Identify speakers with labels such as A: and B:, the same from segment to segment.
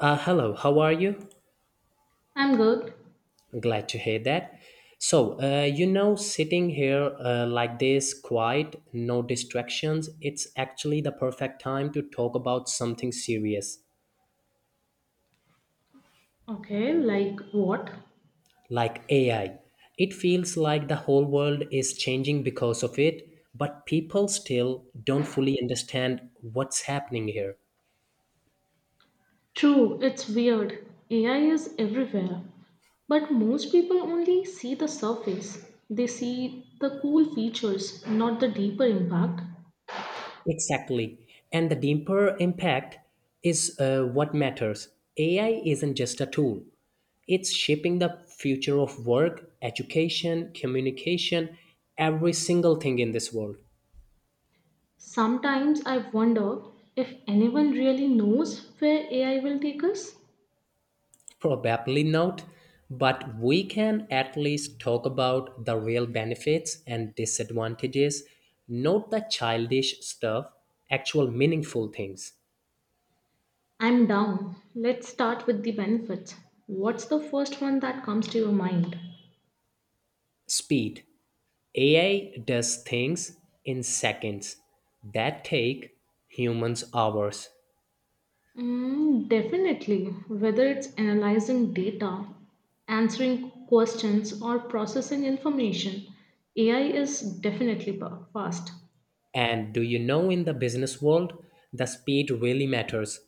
A: Hello, how are you?
B: I'm good.
A: Glad to hear that. So, sitting here like this, quiet, no distractions, it's actually the perfect time to talk about something serious,
B: Okay, like what?
A: like AI. It feels like the whole world is changing because of it, but people still don't fully understand what's happening here.
B: True, it's weird. AI is everywhere. But most people only see the surface. They see the cool features, not the deeper impact.
A: Exactly. And the deeper impact is what matters. AI isn't just a tool, it's shaping the future of work, education, communication, every single thing in this world.
B: Sometimes I wonder if anyone really knows where AI will take us.
A: Probably not, but we can at least talk about the real benefits and disadvantages, not the childish stuff, actual meaningful things.
B: I'm down. Let's start with the benefits. What's the first one that comes to your mind?
A: Speed. AI does things in seconds that take humans hours.
B: Mm, definitely. Whether it's analyzing data, answering questions, or processing information, AI is definitely fast.
A: And do you know, in the business world, the speed really matters.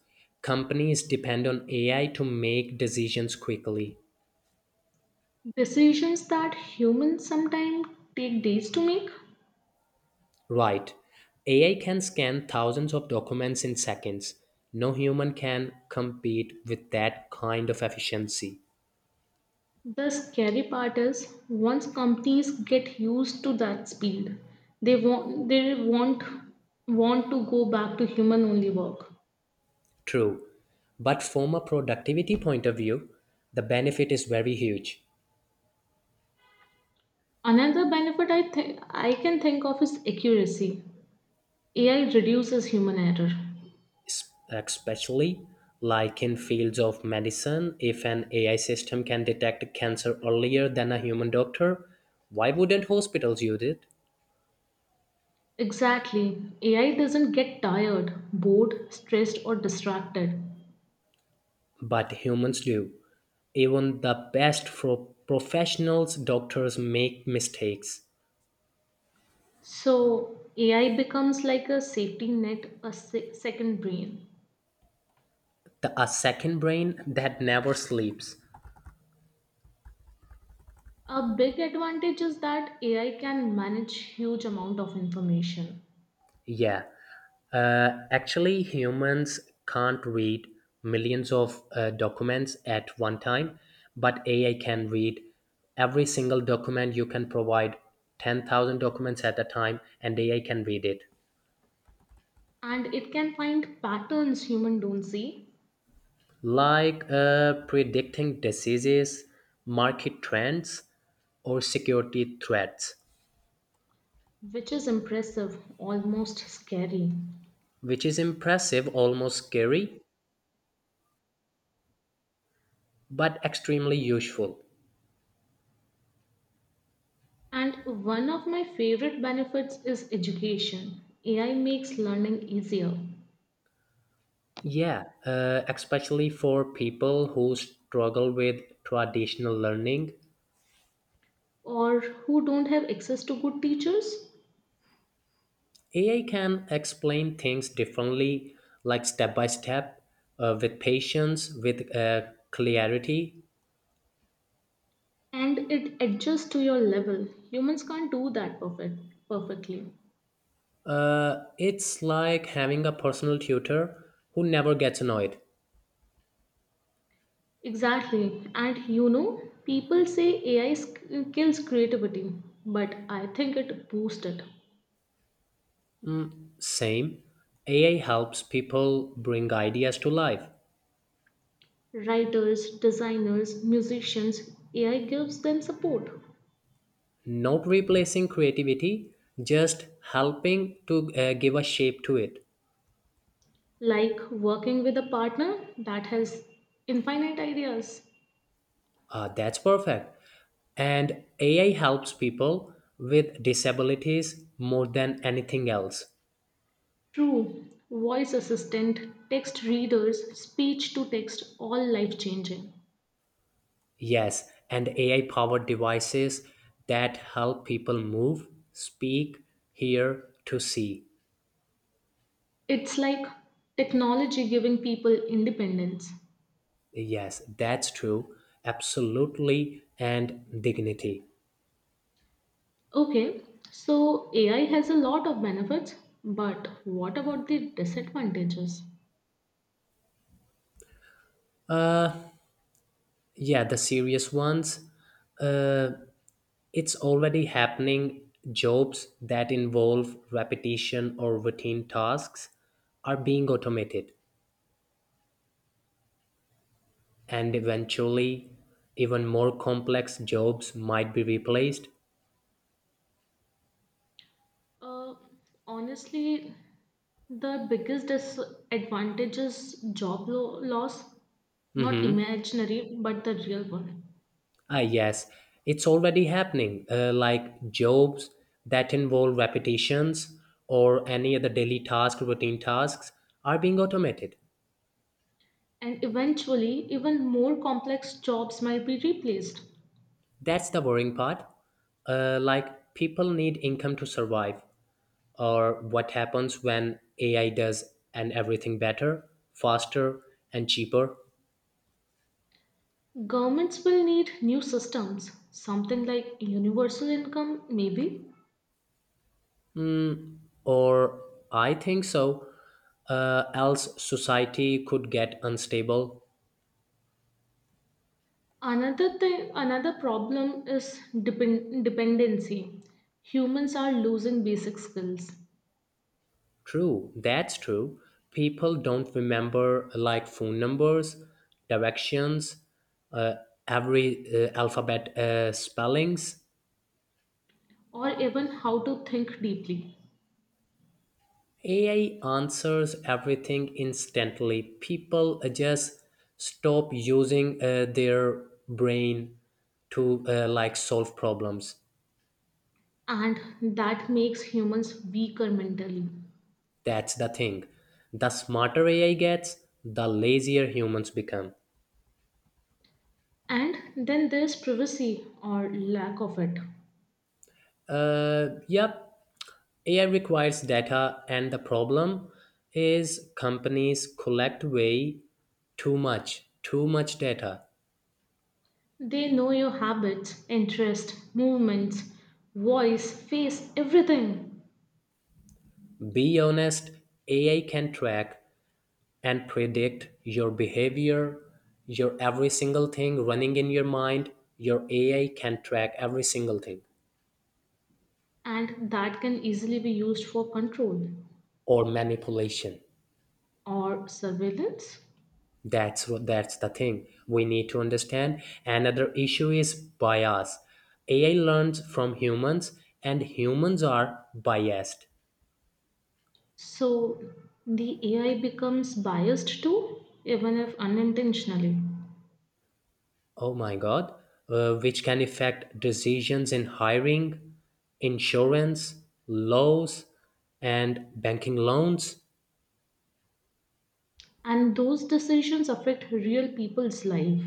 A: Companies depend on AI to make decisions quickly.
B: Decisions that humans sometimes take days to make.
A: Right. AI can scan thousands of documents in seconds. No human can compete with that kind of efficiency.
B: The scary part is once companies get used to that speed, they won't want to go back to human only work.
A: True. But from a productivity point of view, the benefit is very huge.
B: Another benefit I think I can think of is accuracy. AI reduces human error.
A: Especially like in fields of medicine, if an AI system can detect cancer earlier than a human doctor, why wouldn't hospitals use it?
B: Exactly. AI doesn't get tired, bored, stressed, or distracted.
A: But humans do. Even the best professionals doctors make mistakes.
B: So, AI becomes like a safety net, a second brain.
A: A second brain that never sleeps.
B: A big advantage is that AI can manage huge amount of information,
A: Yeah, actually, humans can't read millions of documents at one time, but AI can read every single document. You can provide 10,000 documents at a time, and AI can read it.
B: and it can find patterns human don't see,
A: Like predicting diseases, market trends, or security threats,
B: which is impressive, almost scary.
A: which is impressive, almost scary, but extremely useful.
B: And one of my favorite benefits is education. AI makes learning easier.
A: Yeah, especially for people who struggle with traditional learning,
B: Or who don't have access to good teachers.
A: AI can explain things differently, like step by step, with patience, with clarity.
B: And it adjusts to your level. Humans can't do that perfectly.
A: It's like having a personal tutor who never gets annoyed.
B: Exactly. And you know, people say AI kills creativity, but I think it boosts it.
A: Same, AI helps people bring ideas to life,
B: Writers, designers, musicians, AI gives them support,
A: not replacing creativity, just helping to give a shape to it.
B: like working with a partner that has infinite ideas.
A: That's perfect. And AI helps people with disabilities more than anything else.
B: True, voice assistant, text readers, speech to text, all life changing.
A: Yes, and AI powered devices that help people move, speak, hear, to see.
B: It's like technology giving people independence.
A: Yes, that's true. Absolutely. And dignity.
B: Okay, so AI has a lot of benefits, but what about the disadvantages?
A: Yeah, the serious ones. Uh, it's already happening. Jobs that involve repetition or routine tasks are being automated. And eventually even more complex jobs might be replaced.
B: Uh, honestly, the biggest disadvantage is job loss, not
A: Mm-hmm.
B: imaginary, but the real one.
A: Ah, yes, it's already happening, like jobs that involve repetitions or any other daily task routine tasks are being automated.
B: And eventually, even more complex jobs might be replaced.
A: That's the worrying part, like people need income to survive, or what happens when AI does and everything better, faster, and cheaper.
B: Governments will need new systems, something like universal income, maybe.
A: Or I think so. Else society could get unstable.
B: Another thing, another problem is dependency. Humans are losing basic skills,
A: True, that's true. People don't remember like phone numbers, directions, uh, every alphabet spellings.
B: or even how to think deeply,
A: AI answers everything instantly. People just stop using their brain to like solve problems.
B: and that makes humans weaker mentally.
A: That's the thing. The smarter AI gets, the lazier humans become.
B: And then there's privacy, or lack of it.
A: Yep, AI requires data, and the problem is companies collect way too much data.
B: They know your habits, interests, movements, voice, face, everything.
A: Be honest, AI can track and predict your behavior, your every single thing running in your mind. Your AI can track every single thing
B: And that can easily be used for control
A: or manipulation.
B: or surveillance.
A: That's the thing we need to understand. Another issue is bias. AI learns from humans, and humans are biased.
B: So the AI becomes biased too, even if unintentionally.
A: Oh my god, which can affect decisions in hiring, insurance, laws, and banking loans.
B: And those decisions affect real people's life.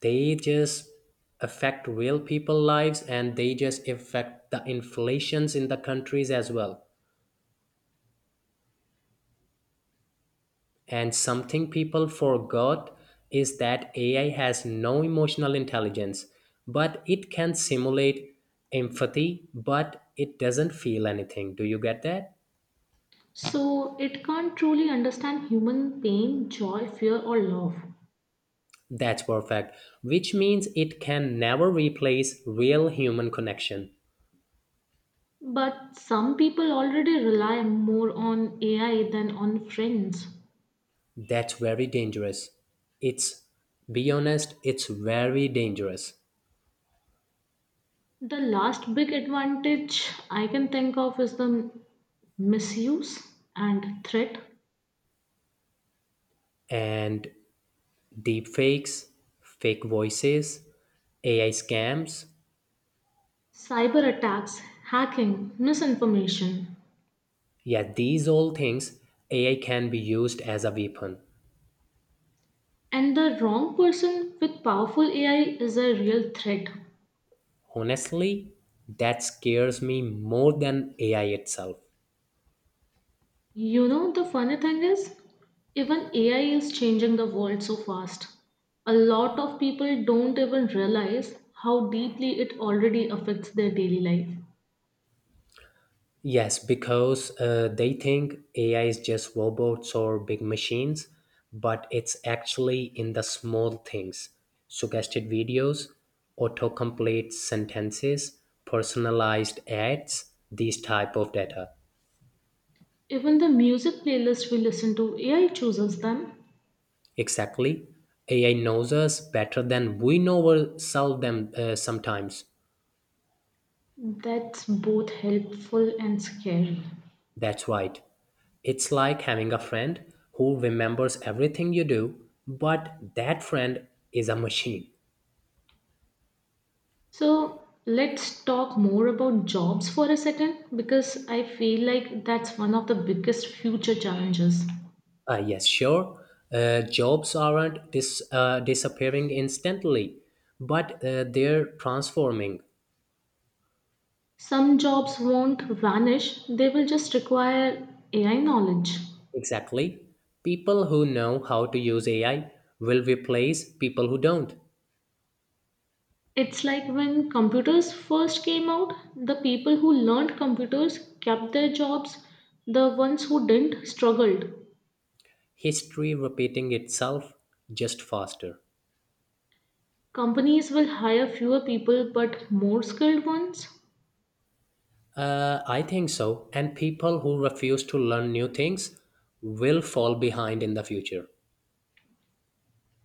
A: They just affect real people lives and they just affect the inflations in the countries as well. And something people forgot is that AI has no emotional intelligence, but it can simulate empathy, but it doesn't feel anything. Do you get that?
B: So it can't truly understand human pain, joy, fear, or love.
A: That's perfect. Which means it can never replace real human connection.
B: But some people already rely more on AI than on friends.
A: That's very dangerous. It's, be honest, it's very dangerous.
B: The last big advantage I can think of is the misuse and threat,
A: And deepfakes, fake voices, AI scams.
B: cyber attacks, hacking, misinformation,
A: Yeah, these all things, AI can be used as a weapon.
B: and the wrong person with powerful AI is a real threat.
A: Honestly, that scares me more than AI itself.
B: You know, the funny thing is, even AI is changing the world so fast. A lot of people don't even realize how deeply it already affects their daily life.
A: Yes, because they think AI is just robots or big machines, but it's actually in the small things: suggested videos, autocomplete sentences, personalized ads, these type of data.
B: Even the music playlist we listen to, AI chooses them.
A: Exactly. AI knows us better than we know ourselves them, sometimes.
B: That's both helpful and scary.
A: That's right. It's like having a friend who remembers everything you do, but that friend is a machine.
B: So let's talk more about jobs for a second, because I feel like that's one of the biggest future challenges.
A: Yes, sure. Jobs aren't disappearing instantly, but they're transforming.
B: Some jobs won't vanish, they will just require AI knowledge.
A: Exactly. People who know how to use AI will replace people who don't.
B: It's like when computers first came out, the people who learned computers kept their jobs, the ones who didn't struggled.
A: History repeating itself just faster.
B: Companies will hire fewer people but more skilled ones.
A: I think so. And people who refuse to learn new things will fall behind in the future.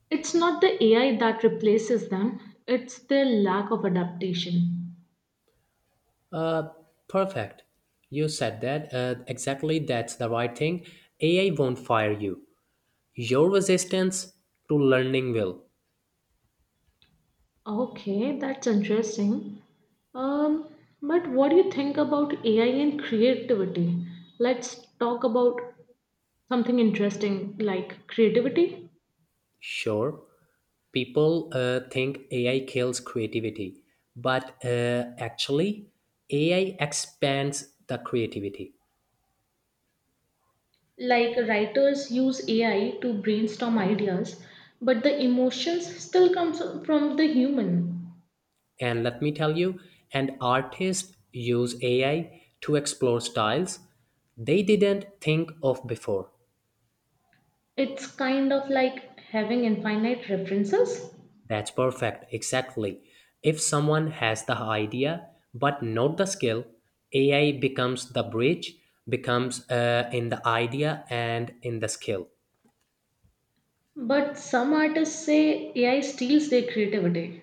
B: It's not the AI that replaces them, it's their lack of adaptation.
A: Perfect. You said that. Exactly, that's the right thing. AI won't fire you. Your resistance to learning will.
B: Okay, that's interesting. Um, but what do you think about AI and creativity? Let's talk about something interesting like creativity.
A: Sure, people think AI kills creativity, but actually, AI expands the creativity.
B: Like writers use AI to brainstorm ideas, but the emotions still comes from the human.
A: And let me tell you, and artists use AI to explore styles they didn't think of before.
B: It's kind of like having infinite references.
A: That's perfect, exactly. If someone has the idea but not the skill, AI becomes the bridge, becomes in the idea and in the skill.
B: But some artists say AI steals their creativity.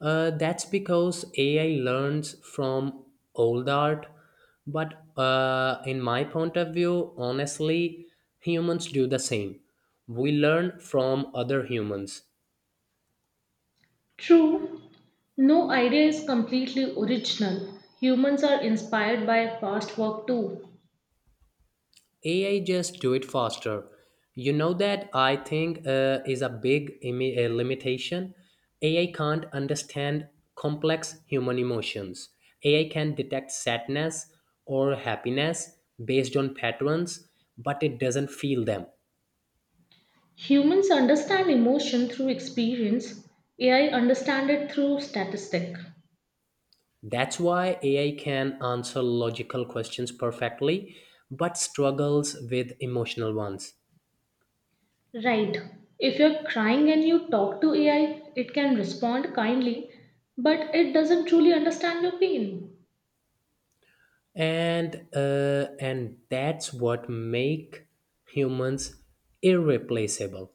A: That's because AI learns from old art. But in my point of view, honestly, humans do the same. We learn from other humans.
B: True, no idea is completely original. Humans are inspired by past work too.
A: AI just do it faster. You know that I think is a big limitation. AI can't understand complex human emotions. AI can detect sadness or happiness based on patterns, but it doesn't feel them.
B: Humans understand emotion through experience, AI understand it through statistic.
A: That's why AI can answer logical questions perfectly, but struggles with emotional ones.
B: Right. If you're crying and you talk to AI, it can respond kindly, but it doesn't truly understand your pain.
A: And that's what make humans irreplaceable.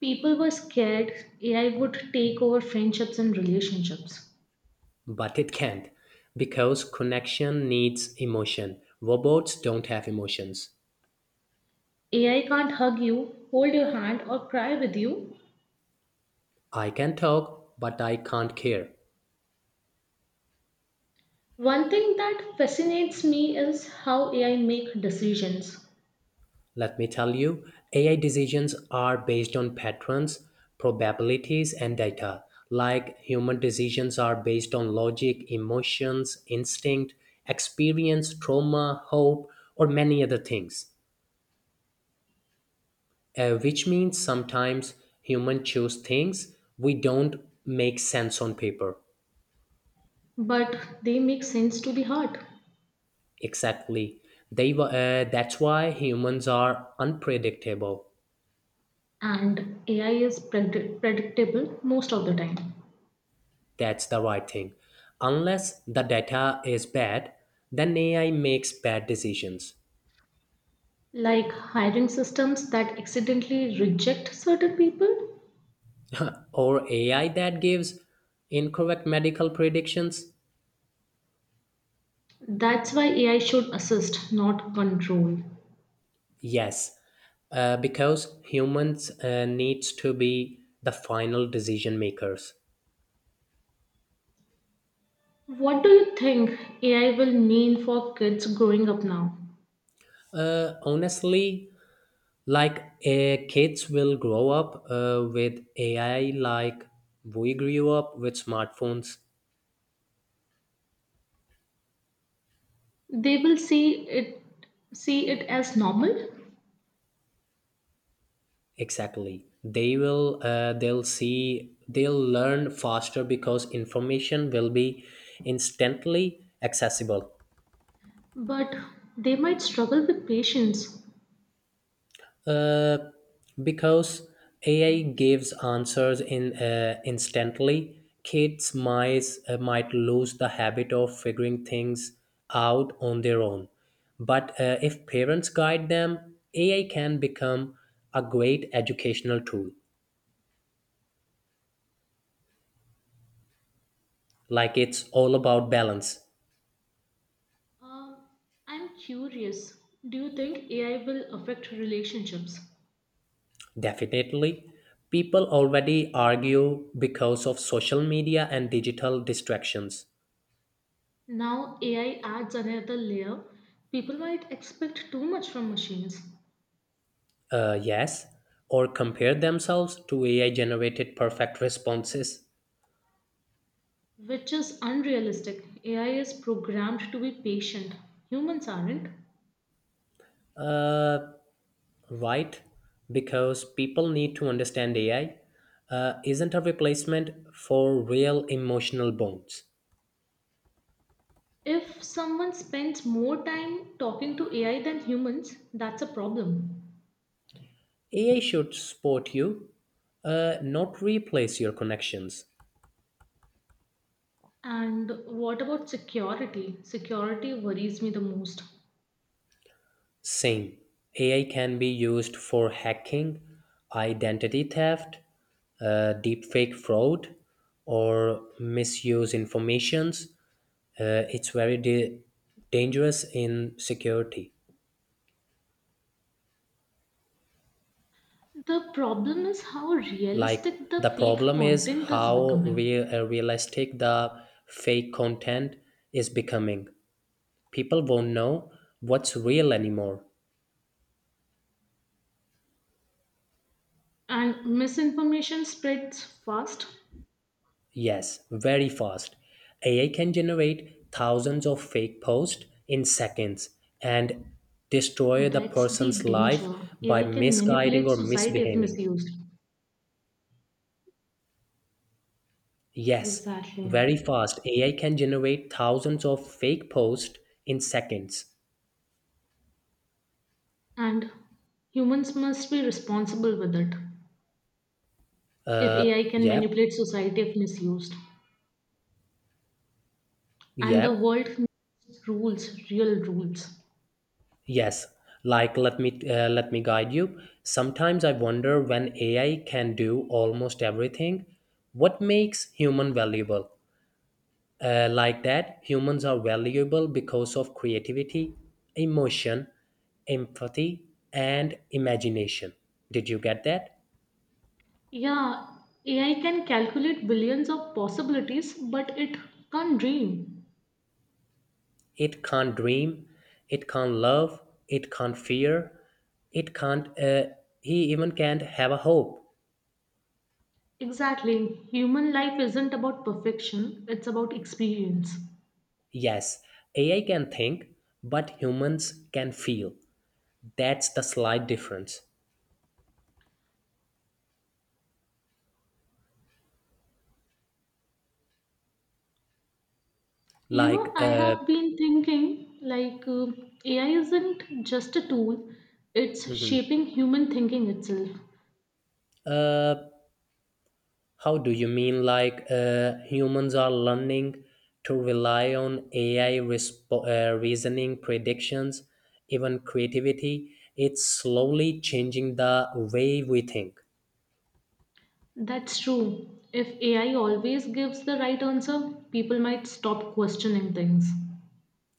B: People were scared AI would take over friendships and relationships.
A: But it can't, because connection needs emotion. Robots don't have emotions.
B: AI can't hug you, hold your hand, or cry with you.
A: I can talk, but I can't care.
B: One thing that fascinates me is how AI make decisions,
A: Let me tell you, AI decisions are based on patterns, probabilities, and data, like human decisions are based on logic, emotions, instinct, experience, trauma, hope, or many other things. Which means sometimes humans choose things we don't make sense on paper.
B: but they make sense to the heart.
A: Exactly. That's why humans are unpredictable.
B: And AI is predictable most of the time.
A: That's the right thing. Unless the data is bad, then AI makes bad decisions.
B: Like hiring systems that accidentally reject certain people.
A: Or AI that gives incorrect medical predictions?
B: That's why AI should assist, not control.
A: Yes, because humans needs to be the final decision makers.
B: What do you think AI will mean for kids growing up now?
A: Honestly, like kids will grow up with AI like we grew up with smartphones.
B: They will see it as normal,
A: Exactly, they'll learn faster because information will be instantly accessible.
B: but they might struggle with patience.
A: uh, because AI gives answers in instantly, kids might lose the habit of figuring things out on their own. But if parents guide them, AI can become a great educational tool. Like, it's all about balance.
B: Um, I'm curious, do you think AI will affect relationships?
A: Definitely. People already argue because of social media and digital distractions.
B: Now, AI adds another layer. People might expect too much from machines,
A: Yes. Or compare themselves to AI generated perfect responses.
B: which is unrealistic. AI is programmed to be patient, humans aren't.
A: Uh, right. Because people need to understand AI isn't a replacement for real emotional bonds.
B: If someone spends more time talking to AI than humans, that's a problem.
A: AI should support you, not replace your connections.
B: And what about security? Security worries me the most.
A: Same. AI can be used for hacking, identity theft, deepfake fraud, or misuse informations. It's very dangerous in security.
B: The problem is how
A: Like,
B: realistic the
A: the
B: fake
A: problem is
B: content is
A: how
B: becoming.
A: realistic the fake content is becoming. People won't know what's real anymore.
B: And misinformation spreads fast.
A: Yes, very fast. AI can generate thousands of fake posts in seconds and destroy the
B: That's the
A: person's life
B: danger.
A: by
B: AI can
A: misguiding
B: manipulate
A: or
B: society if
A: misbehaving.
B: misused.
A: Yes,
B: Exactly.
A: very fast. AI can generate thousands of fake posts in seconds.
B: And humans must be responsible with it. If
A: Uh,
B: AI can
A: yep,
B: manipulate society if misused. And the
A: yep,
B: world needs rules, real rules.
A: yes. Like, let me guide you. Sometimes I wonder, when AI can do almost everything, what makes human valuable? Like that, humans are valuable because of creativity, emotion, empathy, and imagination. Did you get that?
B: Yeah, AI can calculate billions of possibilities, but it can't dream.
A: It can't dream, it can't love, it can't fear, it can't, he even can't have a hope.
B: Exactly. Human life isn't about perfection, it's about experience.
A: Yes, AI can think, but humans can feel. That's the slight difference.
B: You know,
A: Like,
B: I
A: uh,
B: have been thinking like AI isn't just a tool, it's
A: mhm.
B: shaping human thinking itself.
A: uh, How do you mean, like humans are learning to rely on AI reasoning, predictions, even creativity? It's slowly changing the way we think.
B: That's true. If AI always gives the right answer, people might stop questioning things.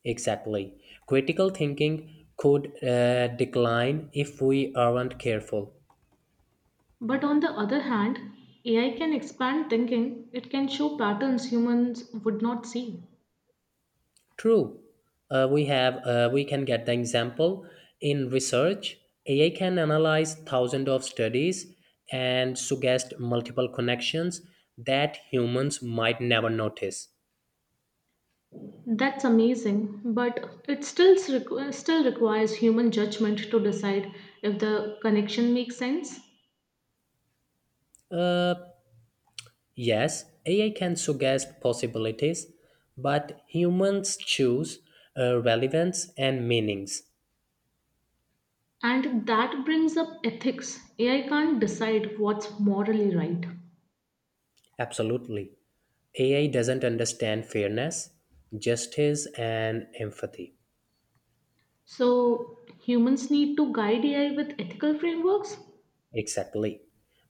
A: Exactly. Critical thinking could decline if we aren't careful.
B: But on the other hand, AI can expand thinking, it can show patterns humans would not see.
A: True. We can get the example in research. AI can analyze thousands of studies and suggest multiple connections that humans might never notice.
B: That's amazing, but it still requires human judgment to decide if the connection makes sense.
A: Uh, yes, AI can suggest possibilities, but humans choose relevance and meanings.
B: And that brings up ethics. AI can't decide what's morally right.
A: Absolutely. AI doesn't understand fairness, justice, and empathy.
B: So humans need to guide AI with ethical frameworks.
A: Exactly.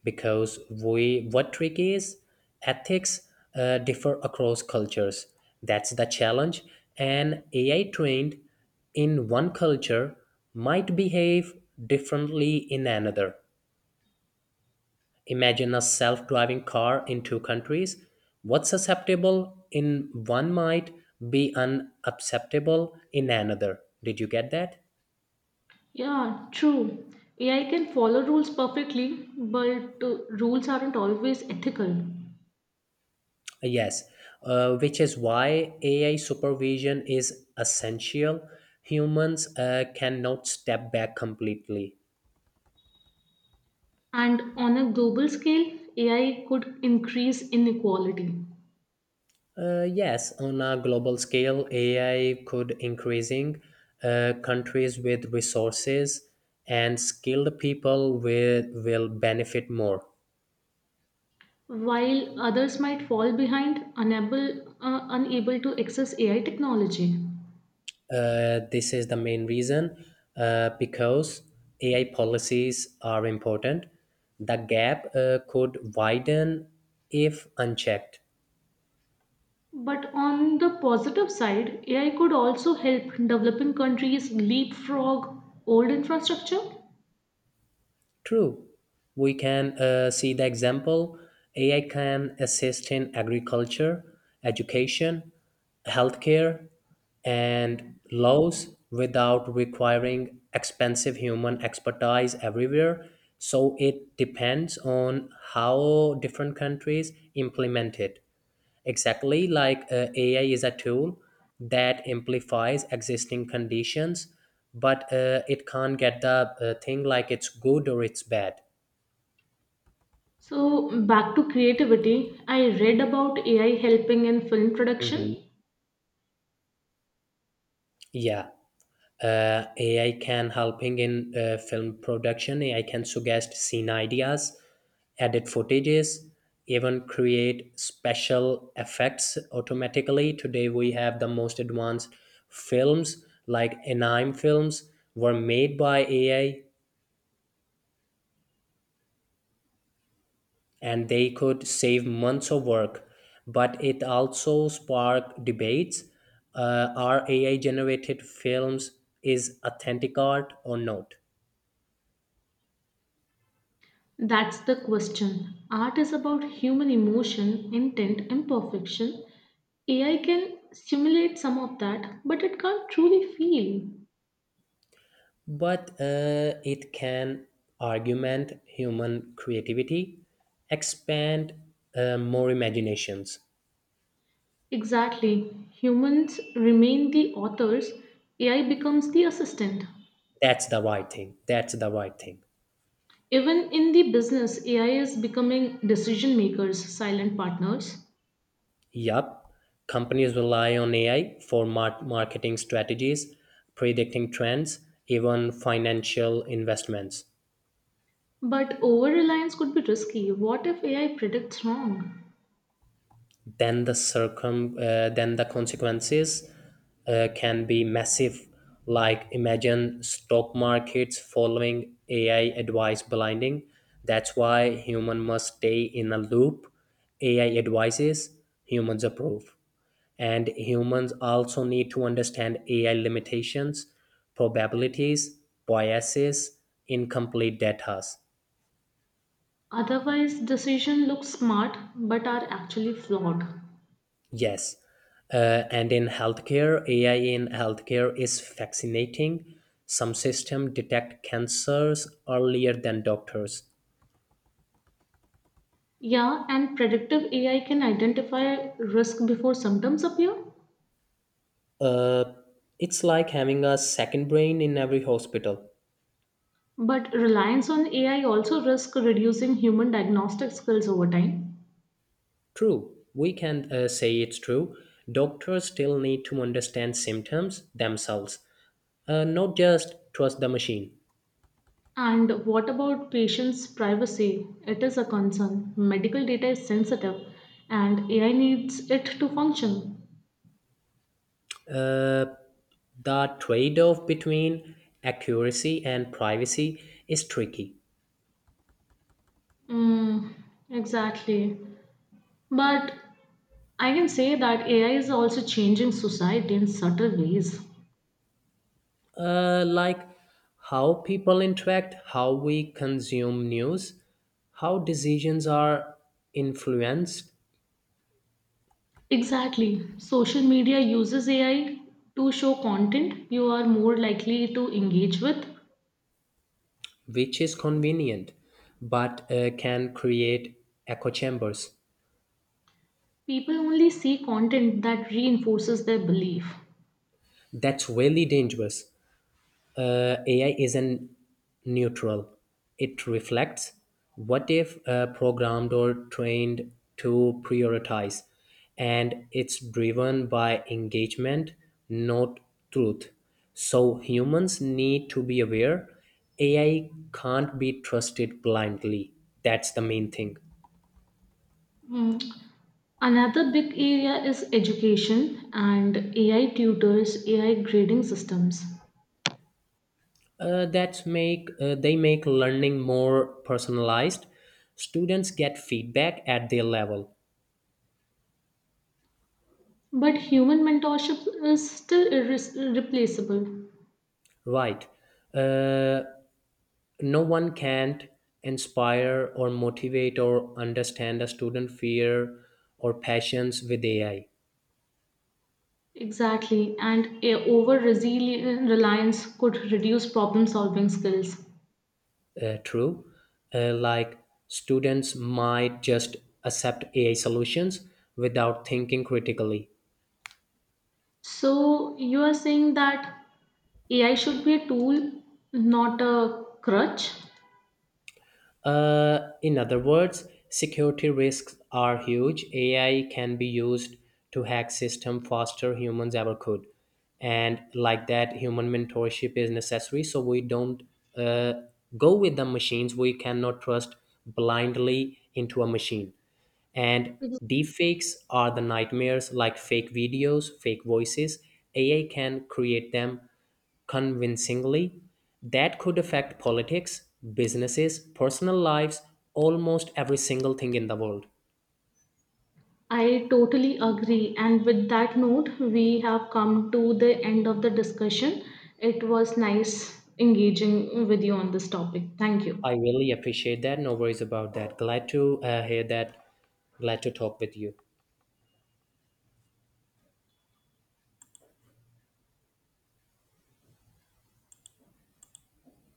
A: Because we what trick is ethics differ across cultures. That's the challenge. And AI trained in one culture might behave differently in another. Imagine a self-driving car in two countries. What's acceptable in one might be unacceptable in another. Did you get that?
B: Yeah, true. AI can follow rules perfectly, but rules aren't always ethical.
A: Yes, which is why AI supervision is essential. Humans cannot step back completely.
B: And on a global scale, AI could increase inequality.
A: Yes, on a global scale, AI could increasing countries with resources and skilled people will benefit more.
B: While others might fall behind, unable to access AI technology.
A: This is the main reason because AI policies are important. The gap could widen if unchecked.
B: But on the positive side, AI could also help developing countries leapfrog old infrastructure.
A: True. We can see the example. AI can assist in agriculture, education, healthcare, and laws without requiring expensive human expertise everywhere. So it depends on how different countries implement it. Exactly, like AI is a tool that amplifies existing conditions, but it can't get the thing like it's good or it's bad.
B: So, back to creativity, I read about AI helping in film
A: Hmm.
B: production.
A: Yeah, AI can helping in film production. AI can suggest scene ideas, edit footages, even create special effects automatically. Today we have the most advanced films like anime films were made by AI. And they could save months of work. But it also sparked debates. Are AI generated films is authentic art or not?
B: That's the question. Art is about human emotion, intent, and perfection. AI can simulate some of that, but it can't truly feel.
A: But it can augment human creativity, expand more imaginations.
B: Exactly. Humans remain the authors, AI becomes the assistant.
A: That's the right thing. That's the right thing.
B: Even in the business, AI is becoming decision makers, silent partners.
A: Yup. Companies rely on AI for marketing strategies, predicting trends, even financial investments.
B: But over reliance could be risky. What if AI predicts wrong?
A: Then the consequences can be massive. Like, imagine stock markets following AI advice blinding. That's why human must stay in a loop. AI advises, humans approve. And humans also need to understand AI limitations, probabilities, biases, incomplete data.
B: Otherwise, decision looks smart but are actually flawed.
A: Yes. And in healthcare, AI in healthcare is fascinating. Some systems detect cancers earlier than doctors.
B: Yeah, and predictive AI can identify risk before symptoms appear.
A: Uh, it's like having a second brain in every hospital.
B: But reliance on AI also risk reducing human diagnostic skills over time.
A: True, we can say it's true. Doctors still need to understand symptoms themselves, not just trust the machine.
B: And what about patients' privacy? It is a concern. Medical data is sensitive and AI needs it to function.
A: Uh, the trade off between accuracy and privacy is tricky.
B: Mm, exactly. But I can say that AI is also changing society in subtle ways.
A: Like how people interact, how we consume news, how decisions are influenced,
B: Exactly. Social media uses AI to show content you are more likely to engage with.
A: which is convenient but can create echo chambers.
B: People only see content that reinforces their belief.
A: That's really dangerous. AI isn't neutral. It reflects what they've programmed or trained to prioritize, and it's driven by engagement, not truth. So humans need to be aware. AI can't be trusted blindly. That's the main thing.
B: Mm. Another big area is education and AI tutors, AI grading systems.
A: That make They make learning more personalized. Students get feedback at their level.
B: But human mentorship is still irreplaceable.
A: Right. uh, no one can't inspire or motivate or understand a student fear or passions with AI.
B: Exactly, and over reliance could reduce problem solving skills.
A: True. Like students might just accept AI solutions without thinking critically.
B: So, you are saying that AI should be a tool, not a crutch?
A: In other words, security risks are huge. AI can be used to hack system faster humans ever could, and like that, human mentorship is necessary. So we don't uh, go with the machines. We cannot trust blindly into a machine. And deepfakes are the nightmares, like fake videos, fake voices. AI can create them convincingly that could affect politics, businesses, personal lives, almost every single thing in the world.
B: I totally agree. And with that note, we have come to the end of the discussion. It was nice engaging with you on this topic. Thank you.
A: I really appreciate that. No worries about that. Glad to hear that. Glad to talk with you.